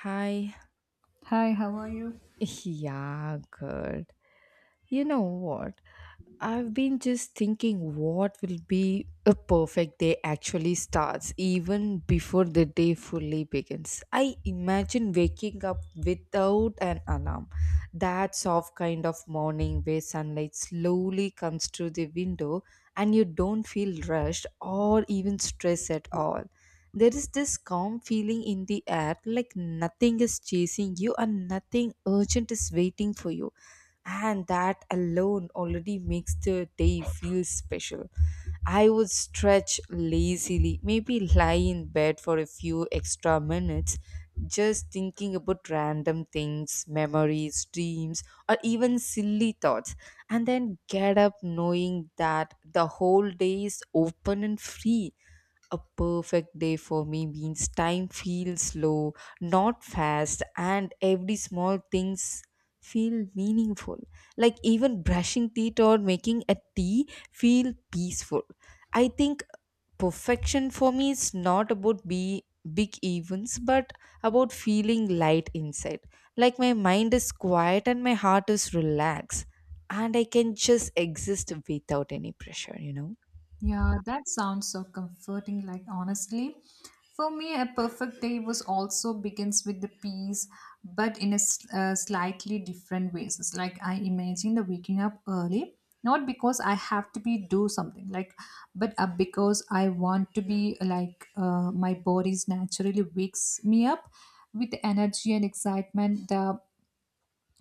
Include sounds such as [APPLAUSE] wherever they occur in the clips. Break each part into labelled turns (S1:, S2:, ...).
S1: Hi.
S2: Hi, how are you?
S1: [LAUGHS] Yeah, girl. You know what? I've been just thinking what will be a perfect day actually starts even before the day fully begins. I imagine waking up without an alarm. That soft kind of morning where sunlight slowly comes through the window, and you don't feel rushed or even stressed at all. There is this calm feeling in the air, like nothing is chasing you and nothing urgent is waiting for you, and that alone already makes the day feel special. I would stretch lazily, maybe lie in bed for a few extra minutes, just thinking about random things, memories, dreams, or even silly thoughts, and then get up knowing that the whole day is open and free. A perfect day for me means time feels slow, not fast, and every small things feel meaningful. Like even brushing teeth or making a tea feel peaceful. I think perfection for me is not about be big events but about feeling light inside. Like my mind is quiet and my heart is relaxed, and I can just exist without any pressure, you know.
S2: Yeah, that sounds so comforting. Honestly, for me, a perfect day was also begins with the peace, but in a slightly different ways. It's like I imagine the waking up early, not because I have to be do something, but because I want to be my body's naturally wakes me up with energy and excitement. The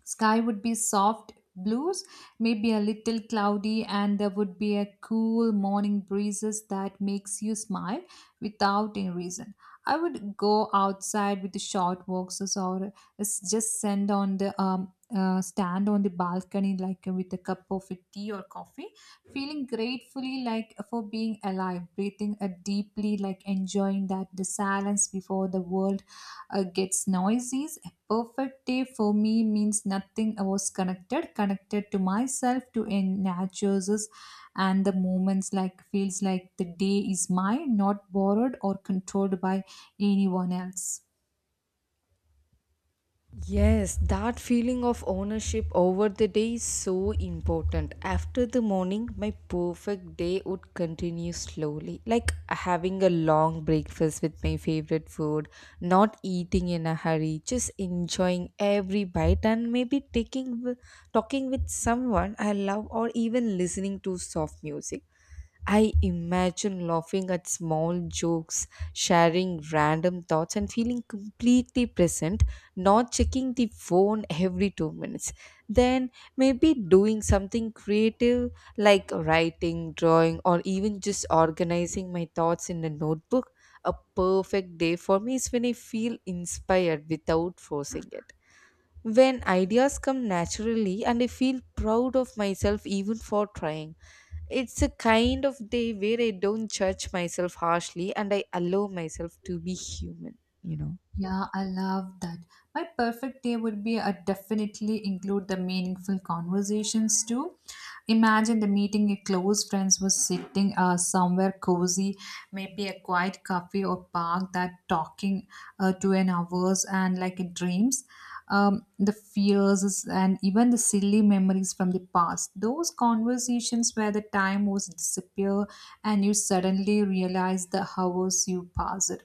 S2: Sky would be soft blues, maybe a little cloudy, and there would be a cool morning breezes that makes you smile without any reason. I would go outside with the short walks just send on the stand on the balcony with a cup of tea or coffee, feeling gratefully like for being alive, breathing deeply like enjoying that the silence before the world gets noisy. Perfect day for me means nothing I was connected to myself to in nature, and the moments like feels like the day is mine, not borrowed or controlled by anyone else.
S1: Yes, that feeling of ownership over the day is so important. After the morning, my perfect day would continue slowly, like having a long breakfast with my favorite food, not eating in a hurry, just enjoying every bite, and maybe talking with someone I love, or even listening to soft music. I imagine laughing at small jokes, sharing random thoughts, and feeling completely present, not checking the phone every 2 minutes. Then maybe doing something creative, like writing, drawing, or even just organizing my thoughts in a notebook. A perfect day for me is when I feel inspired without forcing it. When ideas come naturally, and I feel proud of myself even for trying, it's a kind of day where I don't judge myself harshly and I allow myself to be human.
S2: Yeah, I love that. My perfect day would be a definitely include the meaningful conversations too. Imagine the meeting your close friends was sitting somewhere cozy, maybe a quiet cafe or park that talking to an hours and like it dreams. The fears and even the silly memories from the past. Those conversations where the time was disappear and you suddenly realize the hours you passed.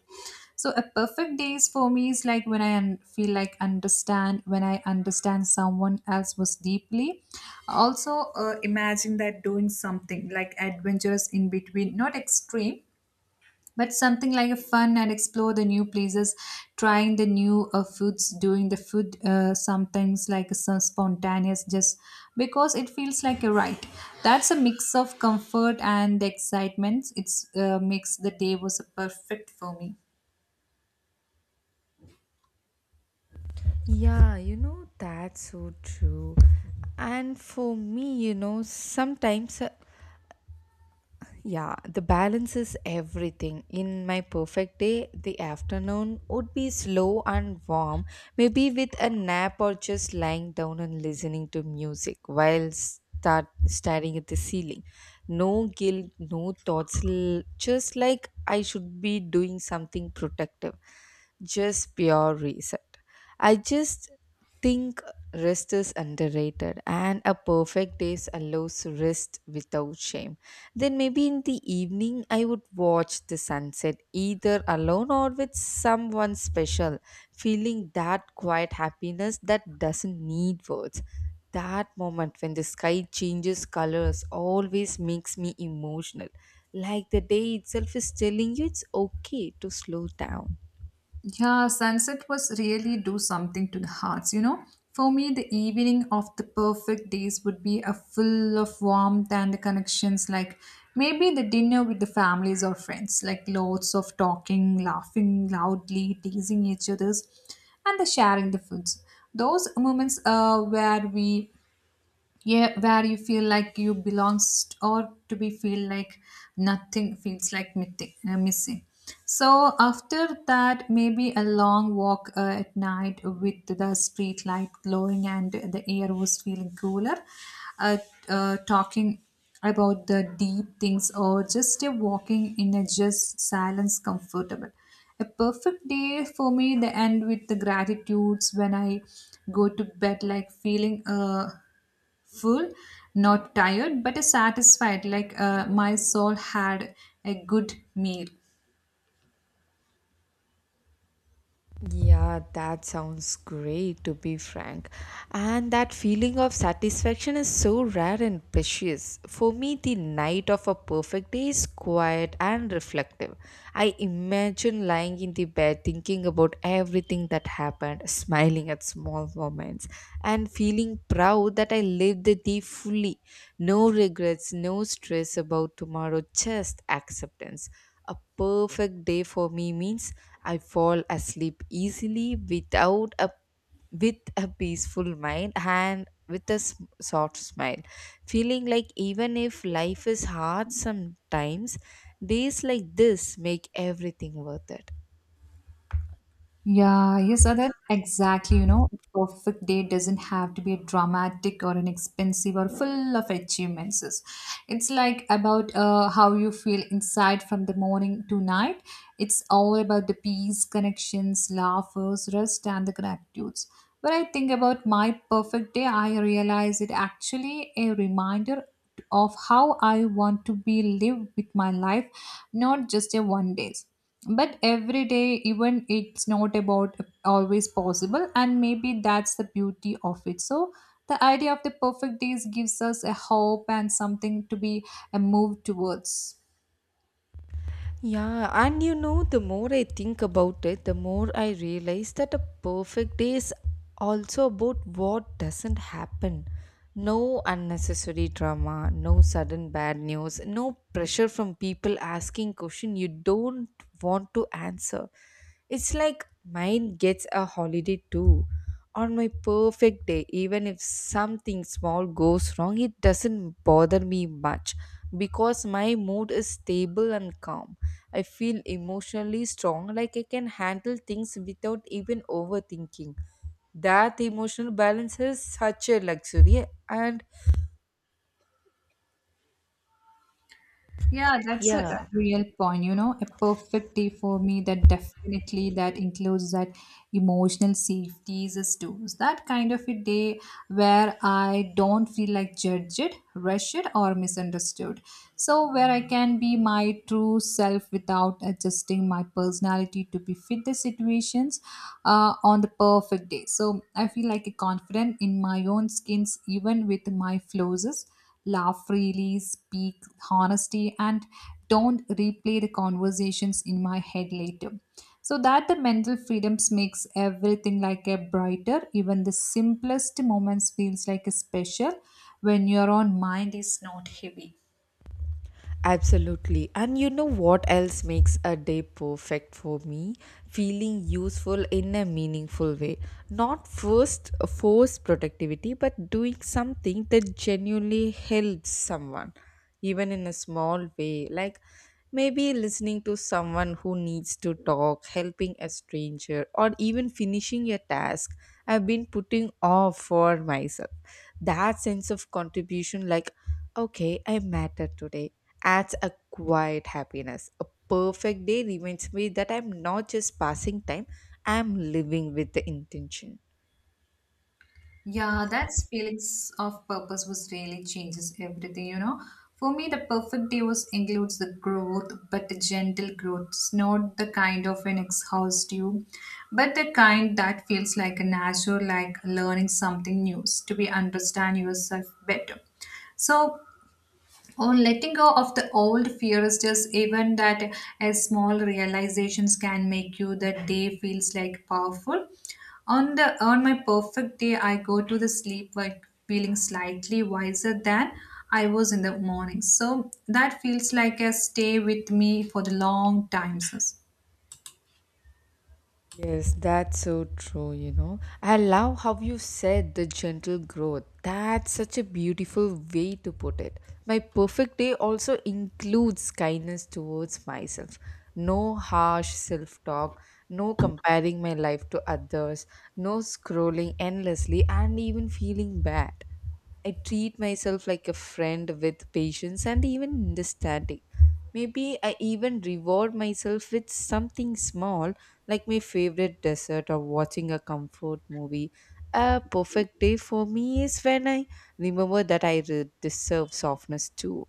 S2: So a perfect days for me is like when I feel like understand when I understand someone else was deeply. Also, imagine that doing something like adventurous in between, not extreme, but something like a fun and explore the new places, trying the new foods, doing the food sometimes like some spontaneous just because it feels like a right. That's a mix of comfort and the excitements. It's makes the day was a perfect for me.
S1: Yeah, that's so true. And for me, sometimes, yeah, the balance is everything. In my perfect day, the afternoon would be slow and warm, maybe with a nap or just lying down and listening to music while start staring at the ceiling. No guilt, no thoughts, just like I should be doing something protective. Just pure reset. I just think rest is underrated, and a perfect day allows rest without shame. Then maybe in the evening, I would watch the sunset either alone or with someone special, feeling that quiet happiness that doesn't need words. That moment when the sky changes colors always makes me emotional, like the day itself is telling you it's okay to slow down.
S2: Yeah, sunset was really do something to the hearts, you know. For me, the evening of the perfect days would be a full of warmth and the connections, like maybe the dinner with the families or friends, like lots of talking, laughing loudly, teasing each other's, and the sharing the foods. Those moments where we, yeah, where you feel like you belong, or to be feel like nothing feels like missing, missing. So after that maybe a long walk at night with the street light glowing and the air was feeling cooler, uh, talking about the deep things or just a walking in a just silence comfortable. A perfect day for me the end with the gratitudes when I go to bed like feeling full, not tired, but satisfied, like my soul had a good meal.
S1: Yeah, that sounds great to be frank. And that feeling of satisfaction is so rare and precious. For me, the night of a perfect day is quiet and reflective. I imagine lying in the bed thinking about everything that happened, smiling at small moments, and feeling proud that I lived the day fully. No regrets, no stress about tomorrow, just acceptance. A perfect day for me means I fall asleep easily without a with a peaceful mind and with a soft smile, feeling like even if life is hard sometimes, days like this make everything worth it.
S2: Yeah, you said that exactly. You know, a perfect day doesn't have to be dramatic or an expensive or full of achievements. It's like about how you feel inside from the morning to night. It's all about the peace, connections, laughers, rest, and the gratitudes. When I think about my perfect day, I realize it actually a reminder of how I want to be live with my life, not just a one days but every day, even it's not about always possible, and maybe that's the beauty of it. So the idea of the perfect days gives us a hope and something to be a move towards.
S1: Yeah, and you know, the more I think about it, the more I realize that a perfect day is also about what doesn't happen. No unnecessary drama, no sudden bad news, no pressure from people asking question you don't want to answer. It's like mine gets a holiday too. On my perfect day, even if something small goes wrong, it doesn't bother me much because my mood is stable and calm. I feel emotionally strong, like I can handle things without even overthinking. That emotional balance is such a luxury, and
S2: Yeah, that's a
S1: yeah,
S2: real point, you know. A perfect day for me that definitely that includes that emotional safety is too. So that kind of a day where I don't feel like judged, rushed or misunderstood. So where I can be my true self without adjusting my personality to be fit the situations on the perfect day. So I feel like a confident in my own skins, even with my flaws, laugh freely, speak honesty, and don't replay the conversations in my head later. So that the mental freedoms makes everything like a brighter, even the simplest moments feels like a special when your own mind is not heavy.
S1: absolutely. And you know what else makes a day perfect for me? Feeling useful in a meaningful way. Not first force productivity, but doing something that genuinely helps someone, even in a small way. Like maybe listening to someone who needs to talk, helping a stranger, or even finishing a task I've been putting off for myself. That sense of contribution, like, okay, I matter today, adds a quiet happiness. A perfect day reminds me that I'm not just passing time, I'm living with the intention.
S2: Yeah, that feelings of purpose was really changes everything, you know. For me, the perfect day was includes the growth, but the gentle growth. It's not the kind of an exhaust you, but the kind that feels like a natural, like learning something new, to be understand yourself better. So on letting go of the old fears, just even that as small realizations can make you that day feels like powerful. On my perfect day, I go to the sleep like feeling slightly wiser than I was in the morning. So that feels like a stay with me for the long time. Sis.
S1: Yes, that's so true. I love how you said the gentle growth. That's such a beautiful way to put it. My perfect day also includes kindness towards myself. No harsh self talk, no comparing my life to others, no scrolling endlessly, and even feeling bad. I treat myself like a friend with patience and even understanding. Maybe I even reward myself with something small, like my favorite dessert or watching a comfort movie. A perfect day for me is when I remember that I deserve softness too.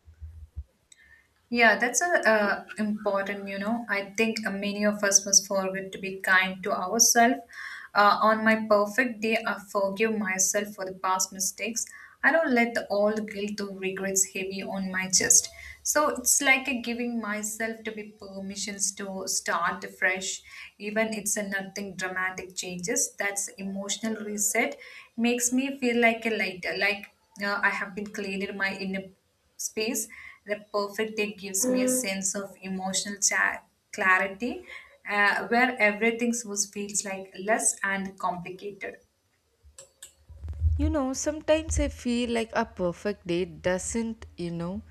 S2: Yeah, that's a important, you know. I think many of us must forget to be kind to ourselves. On my perfect day, I forgive myself for the past mistakes. I don't let the old guilt or regrets heavy on my chest. So it's like a giving myself to be permissions to start fresh, even it's a nothing dramatic changes. That's emotional reset makes me feel like a lighter, like I have been cleaning my inner space. The perfect day gives me a sense of emotional clarity where everything was, feels like less and complicated.
S1: You know, sometimes I feel like a perfect day doesn't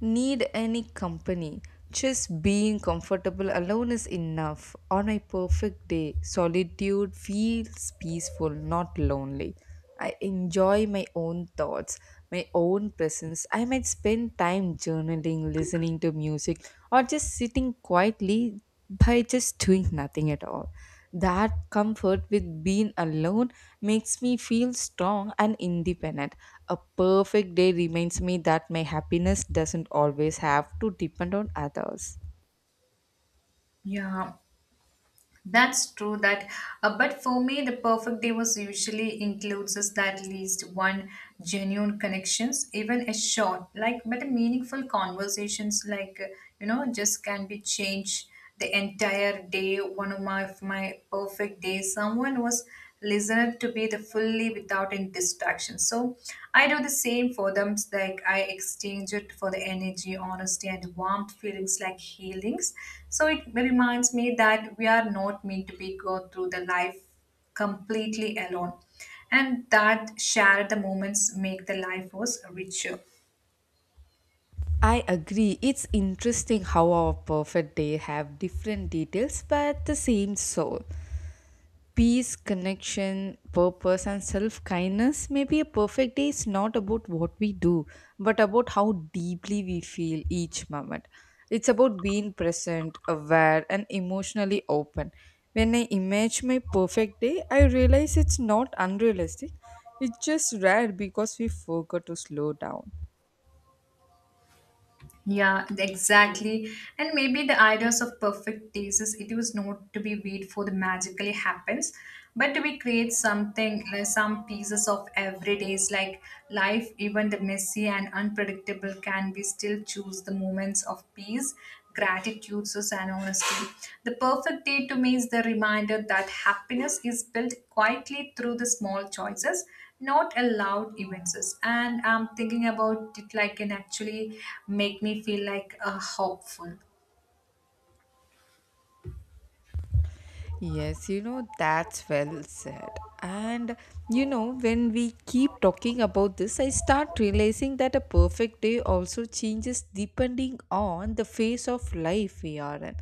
S1: need any company. Just being comfortable alone is enough. On my perfect day, solitude feels peaceful, not lonely. I enjoy my own thoughts, my own presence. I might spend time journaling, listening to music, or just sitting quietly, by just doing nothing at all. That comfort with being alone makes me feel strong and independent. A perfect day reminds me that my happiness doesn't always have to depend on others.
S2: Yeah, that's true. That, but for me, the perfect day was usually includes us that least one genuine connections, even a short, like but a meaningful conversations, like, you know, just can be changed the entire day. One of my perfect days, someone was listened to be the fully without any distraction. So I do the same for them. Like I exchange it for the energy, honesty, and warmth feelings like healings. So it reminds me that we are not meant to be go through the life completely alone, and that share the moments make the life was richer.
S1: I agree. It's interesting how our perfect day have different details but the same soul. Peace, connection, purpose, and self kindness, maybe a perfect day is not about what we do, but about how deeply we feel each moment. It's about being present, aware, and emotionally open. When I imagine my perfect day, I realize it's not unrealistic, it's just rare because we forgot to slow down.
S2: Yeah, exactly. And maybe the ideas of perfect taste is it was not to be wait for the magically happens, but to be create something like some pieces of every days like life. Even the messy and unpredictable can be still choose the moments of peace, gratitude, and honesty. The perfect day to me is the reminder that happiness is built quietly through the small choices, not allowed events, and I'm thinking about it like can actually make me feel like hopeful.
S1: Yes, that's well said. And when we keep talking about this, I start realizing that a perfect day also changes depending on the phase of life we are in.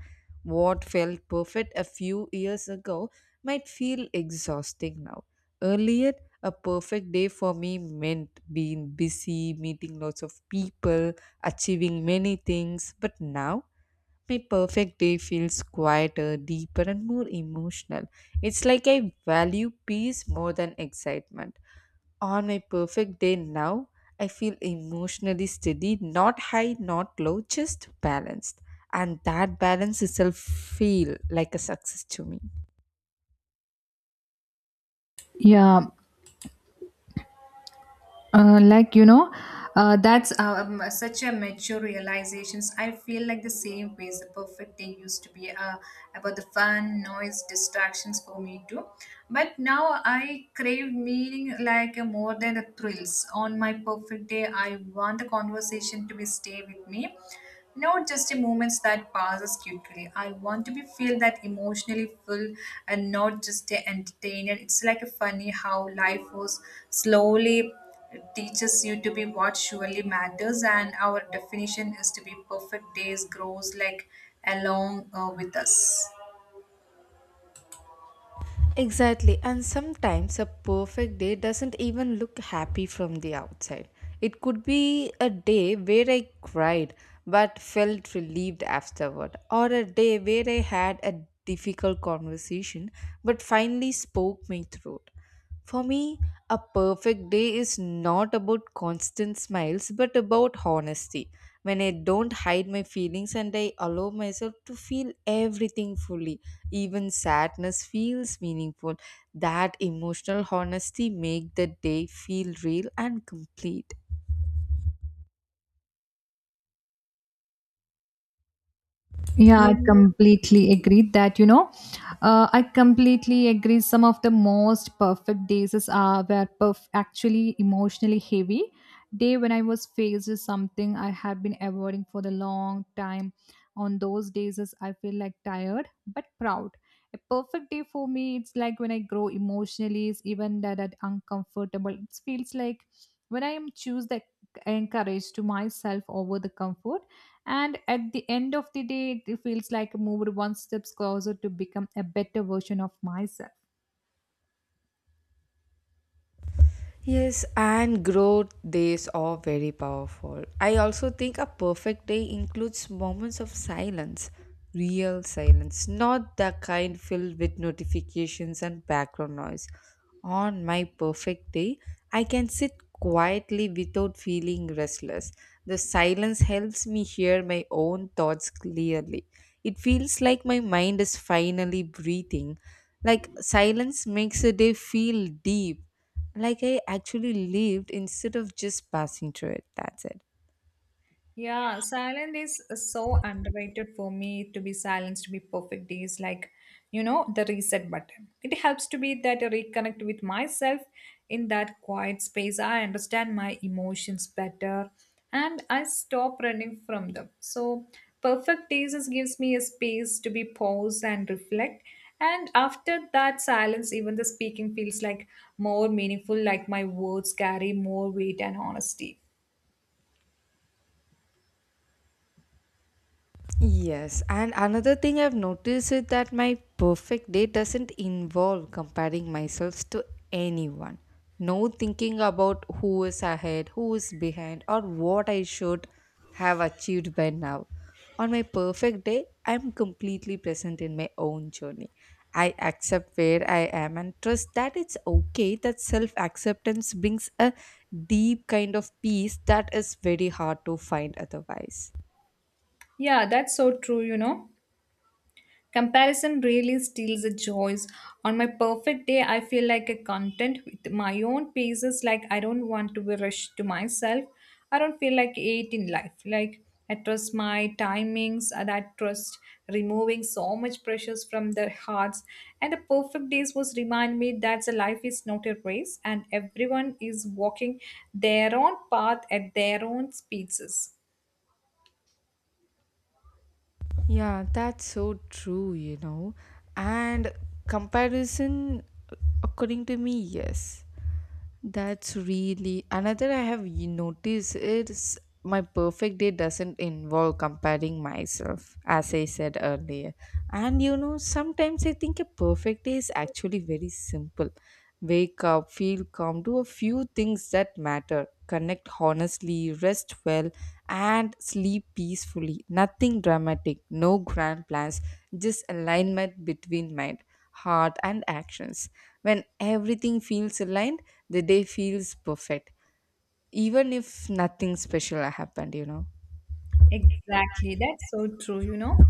S1: What felt perfect a few years ago might feel exhausting now. Earlier, a perfect day for me meant being busy, meeting lots of people, achieving many things, but now my perfect day feels quieter, deeper, and more emotional. It's like I value peace more than excitement. On my perfect day now, I feel emotionally steady, not high, not low, just balanced. And that balance itself feel like a success to me.
S2: Yeah, like you know, that's such a mature realizations. I feel like the same ways the perfect day used to be about the fun noise distractions for me too, but now I crave meaning like more than the thrills. On my perfect day, I want the conversation to be stay with me, not just the moments that passes quickly. I want to be feel that emotionally full and not just the entertainment. It's like a funny how life was slowly teaches you to be what surely matters, and our definition is to be perfect days grows like along with us.
S1: Exactly, and sometimes a perfect day doesn't even look happy from the outside. It could be a day where I cried but felt relieved afterward, or a day where I had a difficult conversation but finally spoke me through it. For me, a perfect day is not about constant smiles but about honesty. When I don't hide my feelings and I allow myself to feel everything fully, even sadness feels meaningful. That emotional honesty make the day feel real and complete.
S2: Yeah, I
S1: You know?
S2: completely agree that, you know, I completely agree. Some of the most perfect days were actually emotionally heavy. Day when I was faced with something I had been avoiding for the long time. On those days, is I feel like tired but proud. A perfect day for me, it's like when I grow emotionally, is even that, that uncomfortable. It feels like when I am choose the encourage to myself over the comfort, and at the end of the day, it feels like I moved one step closer to become a better version of myself.
S1: Yes, and growth days are very powerful. I also think a perfect day includes moments of silence, real silence, not the kind filled with notifications and background noise. On my perfect day, I can sit quietly without feeling restless. The silence helps me hear my own thoughts clearly. It feels like my mind is finally breathing. Like silence makes a day feel deep, like I actually lived instead of just passing through it. That's it.
S2: Yeah, silence is so underrated. For me to be silenced to be perfect is like, you know, the reset button. It helps to be that I reconnect with myself in that quiet space. I understand my emotions better and I stop running from them. So perfect days gives me a space to be pause and reflect. And after that silence, even the speaking feels like more meaningful, like my words carry more weight and honesty.
S1: Yes, and another thing I've noticed is that my perfect day doesn't involve comparing myself to anyone. No thinking about who is ahead, who is behind, or what I should have achieved by now. On my perfect day, I'm completely present in my own journey. I accept where I am and trust that it's okay. That self acceptance brings a deep kind of peace that is very hard to find otherwise.
S2: Yeah, that's so true, you know. Comparison really steals the joys. On my perfect day, I feel like a content with my own paces, like I don't want to be rushed to myself. I don't feel like eight in life. Like I trust my timings, and I trust removing so much pressures from their hearts. And the perfect days was remind me that the life is not a race and everyone is walking their own path at their own speeds.
S1: Yeah, that's so true, you know. And comparison, according to me, yes. That's really another I have noticed is my perfect day doesn't involve comparing myself, as I said earlier. And you know, sometimes I think a perfect day is actually very simple. Wake up, feel calm, do a few things that matter. Connect honestly, rest well, and sleep peacefully. Nothing dramatic, no grand plans, just alignment between mind, heart, and actions. When everything feels aligned, the day feels perfect, even if nothing special happened.
S2: Exactly. That's so true, you know.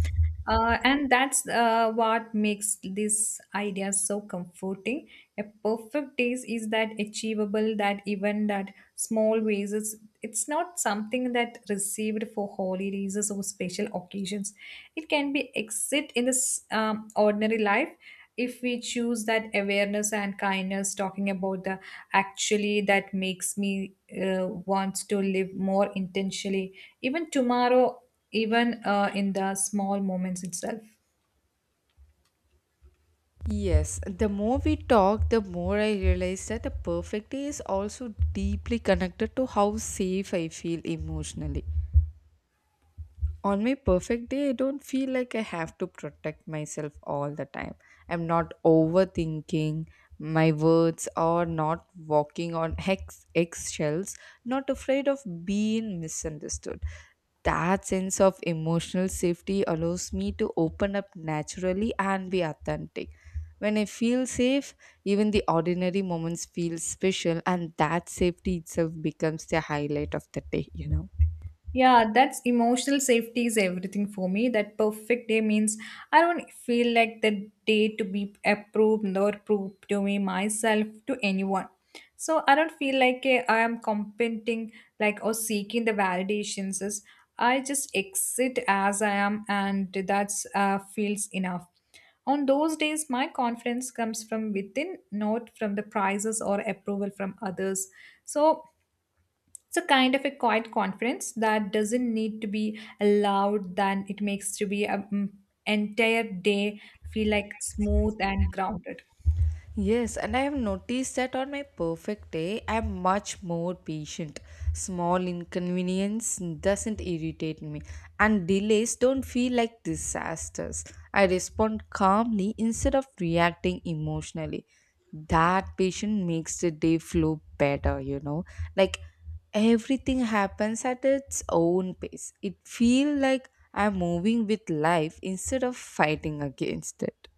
S2: And that's what makes this idea so comforting. A perfect taste is that achievable, that even that small ways. It's not something that received for holidays or special occasions. It can be exit in this ordinary life if we choose that awareness and kindness talking about the actually that makes me want to live more intentionally even tomorrow even in the small moments itself.
S1: Yes, the more we talk, the more I realize that a perfect day is also deeply connected to how safe I feel emotionally. On my perfect day, I don't feel like I have to protect myself all the time. I'm not overthinking my words or not walking on [LAUGHS] hex eggshells, not afraid of being misunderstood. That sense of emotional safety allows me to open up naturally and be authentic. When I feel safe, even the ordinary moments feel special, and that safety itself becomes the highlight of the day.
S2: Yeah, that's emotional safety is everything for me. That perfect day means I don't feel like the day to be approved or proved to me myself to anyone. So I don't feel like I am competing like or seeking the validations. As I just exit as I am, and that's feels enough. On those days, my confidence comes from within, not from the prizes or approval from others. So it's a kind of a quiet confidence that doesn't need to be allowed than it makes to be an entire day feel like smooth and grounded.
S1: Yes, and I have noticed that on my perfect day, I am much more patient. Small inconvenience doesn't irritate me, and delays don't feel like disasters. I respond calmly instead of reacting emotionally. That patience makes the day flow better. Like everything happens at its own pace. It feels like I'm moving with life instead of fighting against it.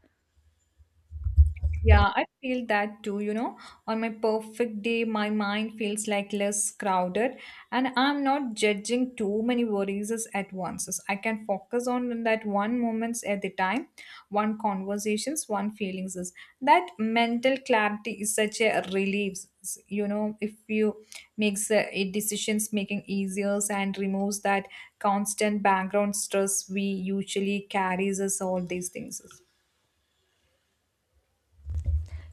S2: Yeah, I feel that too, you know. On my perfect day, my mind feels like less crowded and I'm not judging too many worries as at once. As I can focus on that one moments at a time, one conversations, one feelings. Is that mental clarity is such a relief, you know, if you makes it decisions making easier and removes that constant background stress we usually carries us all these things.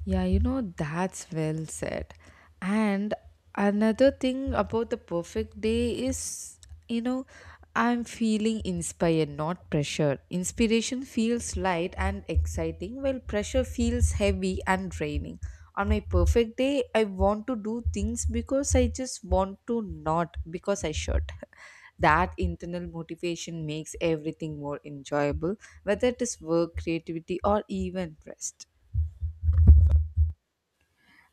S1: Yeah, you know, that's well said. And another thing about the perfect day is, you know, I'm feeling inspired, not pressured. Inspiration feels light and exciting, while pressure feels heavy and draining. On my perfect day, I want to do things because I just want to, not because I should. [LAUGHS] That internal motivation makes everything more enjoyable, whether it is work, creativity, or even rest.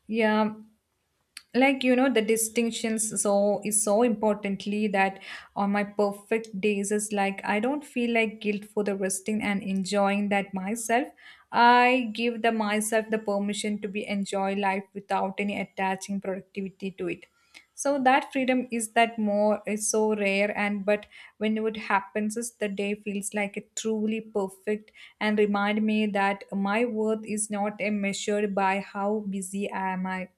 S2: Yeah, like you know the distinctions so is so importantly that on my perfect days is like I don't feel like guilt for the resting and enjoying that myself. I give the myself the permission to be enjoy life without any attaching productivity to it. So that freedom is that more is so rare and but when it happens is the day feels like a truly perfect and remind me that my worth is not a measured by how busy am I.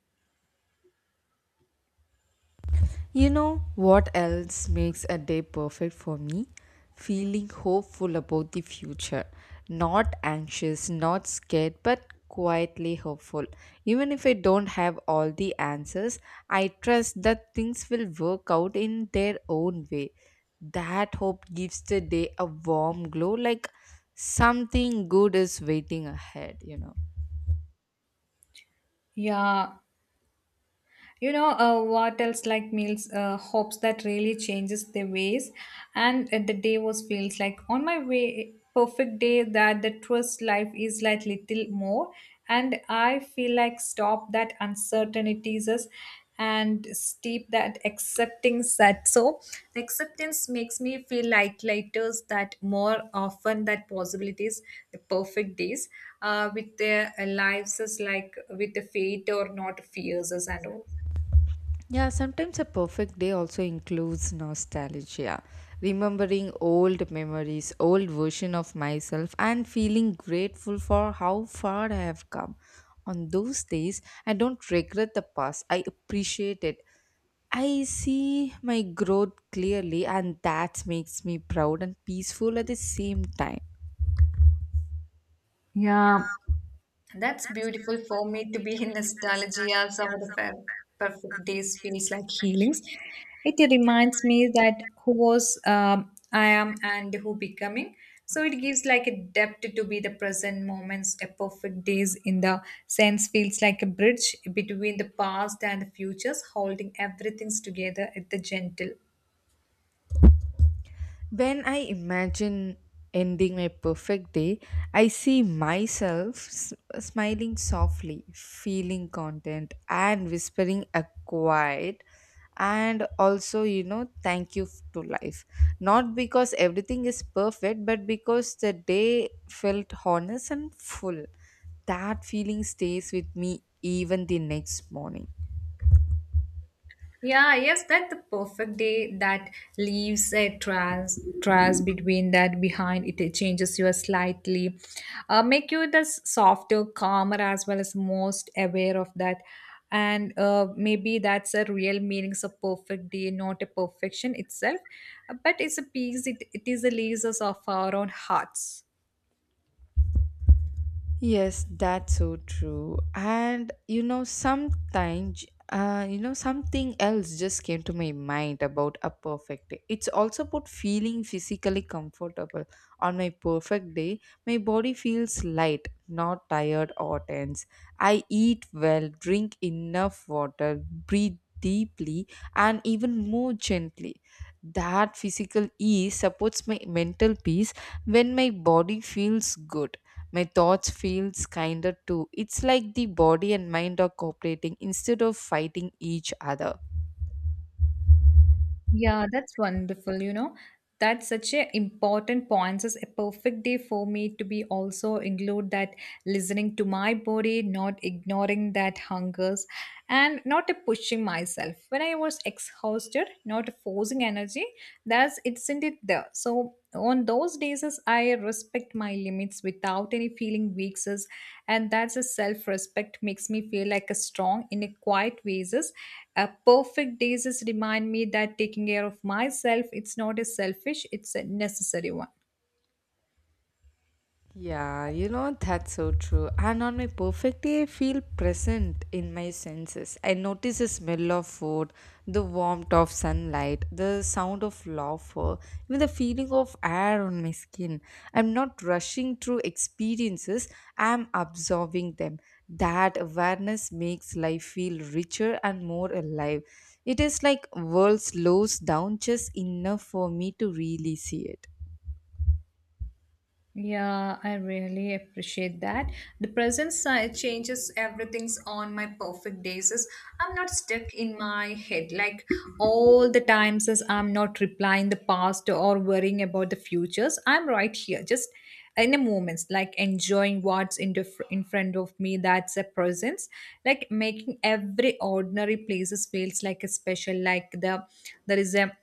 S1: You know what else makes a day perfect for me? Feeling hopeful about the future. Not anxious, not scared, but quietly hopeful. Even if I don't have all the answers, I trust that things will work out in their own way. That hope gives the day a warm glow, like something good is waiting ahead.
S2: Yeah, you know, what else like meals hopes that really changes their ways, and the day was feels like on my way perfect day that the trust life is like little more, and I feel like stop that uncertainties us and steep that accepting that. So the acceptance makes me feel like later that more often that possibilities, the perfect days with their lives is like with the fate or not fears us and all.
S1: Yeah, sometimes a perfect day also includes nostalgia, remembering old memories, old version of myself and feeling grateful for how far I have come. On those days, I don't regret the past. I appreciate it. I see my growth clearly and that makes me proud and peaceful at the same time.
S2: Yeah, that's beautiful for me to be in nostalgia. Some of the perfect days feels like healings. It reminds me that who was I am and who becoming. So it gives like a depth to be the present moments. A perfect days in the sense feels like a bridge between the past and the futures, holding everything's together at the gentle.
S1: When I imagine ending my perfect day, I see smiling softly, feeling content, and whispering a quiet and also, thank to life. Not because everything is perfect, but because the day felt honest and full. That feeling stays with me even the next morning.
S2: Yeah, yes, that's the perfect day that leaves a trace between that behind it, changes you slightly, make you the softer, calmer as well as most aware of that, and maybe that's a real meaning of perfect day, not a perfection itself, but it's a peace. It is a leaves us of our own hearts.
S1: Yes, that's so true. And you know, sometimes, something else just came to my mind about a perfect day. It's also about feeling physically comfortable. On my perfect day, my body feels light, not tired or tense. I eat well, drink enough water, breathe deeply, and even more gently. That physical ease supports my mental peace when my body feels good, my thoughts feels kinder too. It's like the body and mind are cooperating instead of fighting each other.
S2: Yeah, that's wonderful. You know, that's such a important point. It's a perfect day for me to be also include that listening to my body, not ignoring that hungers, and not a pushing myself. When I was exhausted, not forcing energy, that's it's isn't it there? So on those days is I respect my limits without any feeling weak sis, and that's a self-respect makes me feel like a strong in a quiet ways is a perfect days is remind me that taking care of myself it's not a selfish, it's a necessary one.
S1: Yeah, you know, that's so true. And on my perfect day, I feel present in my senses. I notice the smell of food, the warmth of sunlight, the sound of laughter, even the feeling of air on my skin. I'm not rushing through experiences, I'm absorbing them. That awareness makes life feel richer and more alive. It is like world slows down just enough for me to really see it.
S2: Yeah, I really appreciate that. The present side changes everything's on my perfect days. Is I'm not stuck in my head like all the times as I'm not replying the past or worrying about the futures. I'm right here, just in the moments, like enjoying what's in the in front of me. That's a presence, like making every ordinary places feels like a special. Like the there is a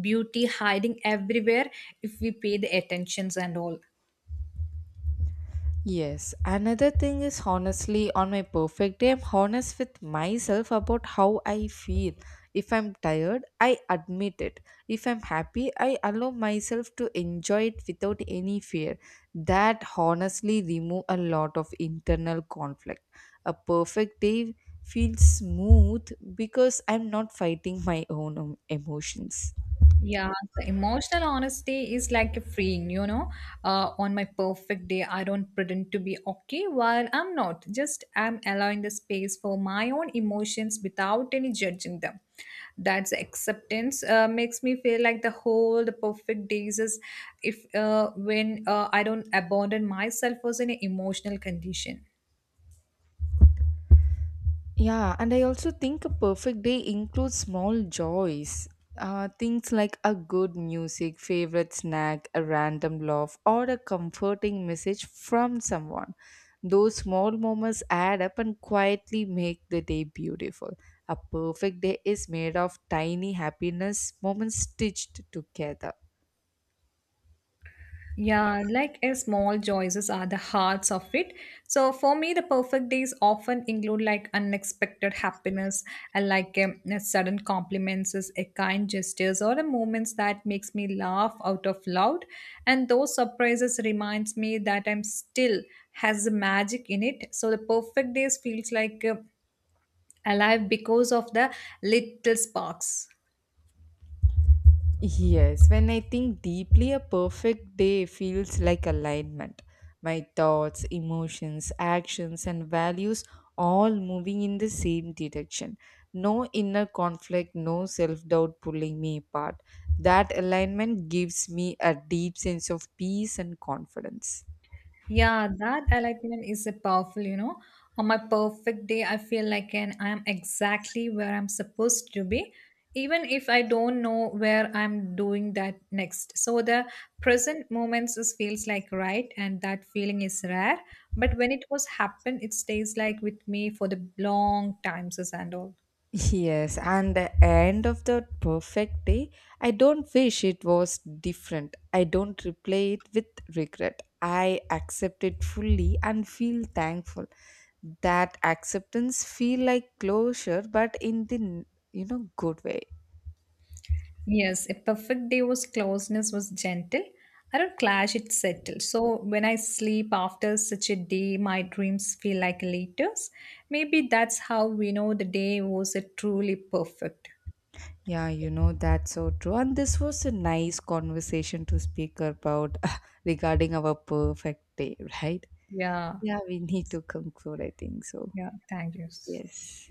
S2: beauty hiding everywhere if we pay the attentions and all.
S1: Yes, another thing is honestly on my perfect day, I'm honest with myself about how I feel. If I'm tired, I admit it. If I'm happy, I allow myself to enjoy it without any fear. That honestly remove a lot of internal conflict. A perfect day feels smooth because I'm not fighting my own emotions.
S2: Yeah, the emotional honesty is like a freeing, you know. On my perfect day, I don't pretend to be okay while I'm not. Just I'm allowing the space for my own emotions without any judging them. That's acceptance. Makes me feel like the whole the perfect days is if when I don't abandon myself was in an emotional condition.
S1: Yeah, and I also think a perfect day includes small joys. Things like a good music, favorite snack, a random laugh, or a comforting message from someone. Those small moments add up and quietly make the day beautiful. A perfect day is made of tiny happiness moments stitched together.
S2: Yeah, like a small choices are the hearts of it. So for me, the perfect days often include like unexpected happiness and like a sudden compliments, is a kind gestures, or the moments that makes me laugh out of loud. And those surprises reminds me that I'm still has the magic in it. So the perfect days feels like alive because of the little sparks.
S1: Yes, when I think deeply, a perfect day feels like alignment. My thoughts, emotions, actions, and values all moving in the same direction. No inner conflict, no self doubt pulling me apart. That alignment gives me a deep sense of peace and confidence.
S2: Yeah, that alignment is a powerful, you know. On my perfect day, I feel like an I am exactly where I'm supposed to be, even if I don't know where I'm doing that next. So the present moments is feels like right, and that feeling is rare. But when it was happen, it stays like with me for the long times and all.
S1: Yes, and the end of the perfect day, I don't wish it was different. I don't replay it with regret. I accept it fully and feel thankful. That acceptance feel like closure, but in the, you know, good way.
S2: Yes, a perfect day was closeness was gentle. I don't clash, it settled. So when I sleep after such a day, my dreams feel like letters. Maybe that's how we know the day was a truly perfect.
S1: Yeah, you know that's so true. And this was a nice conversation to speak about [LAUGHS] regarding our perfect day, right?
S2: Yeah,
S1: Yeah, we need to conclude. I think so.
S2: yeah, thank you.
S1: Yes.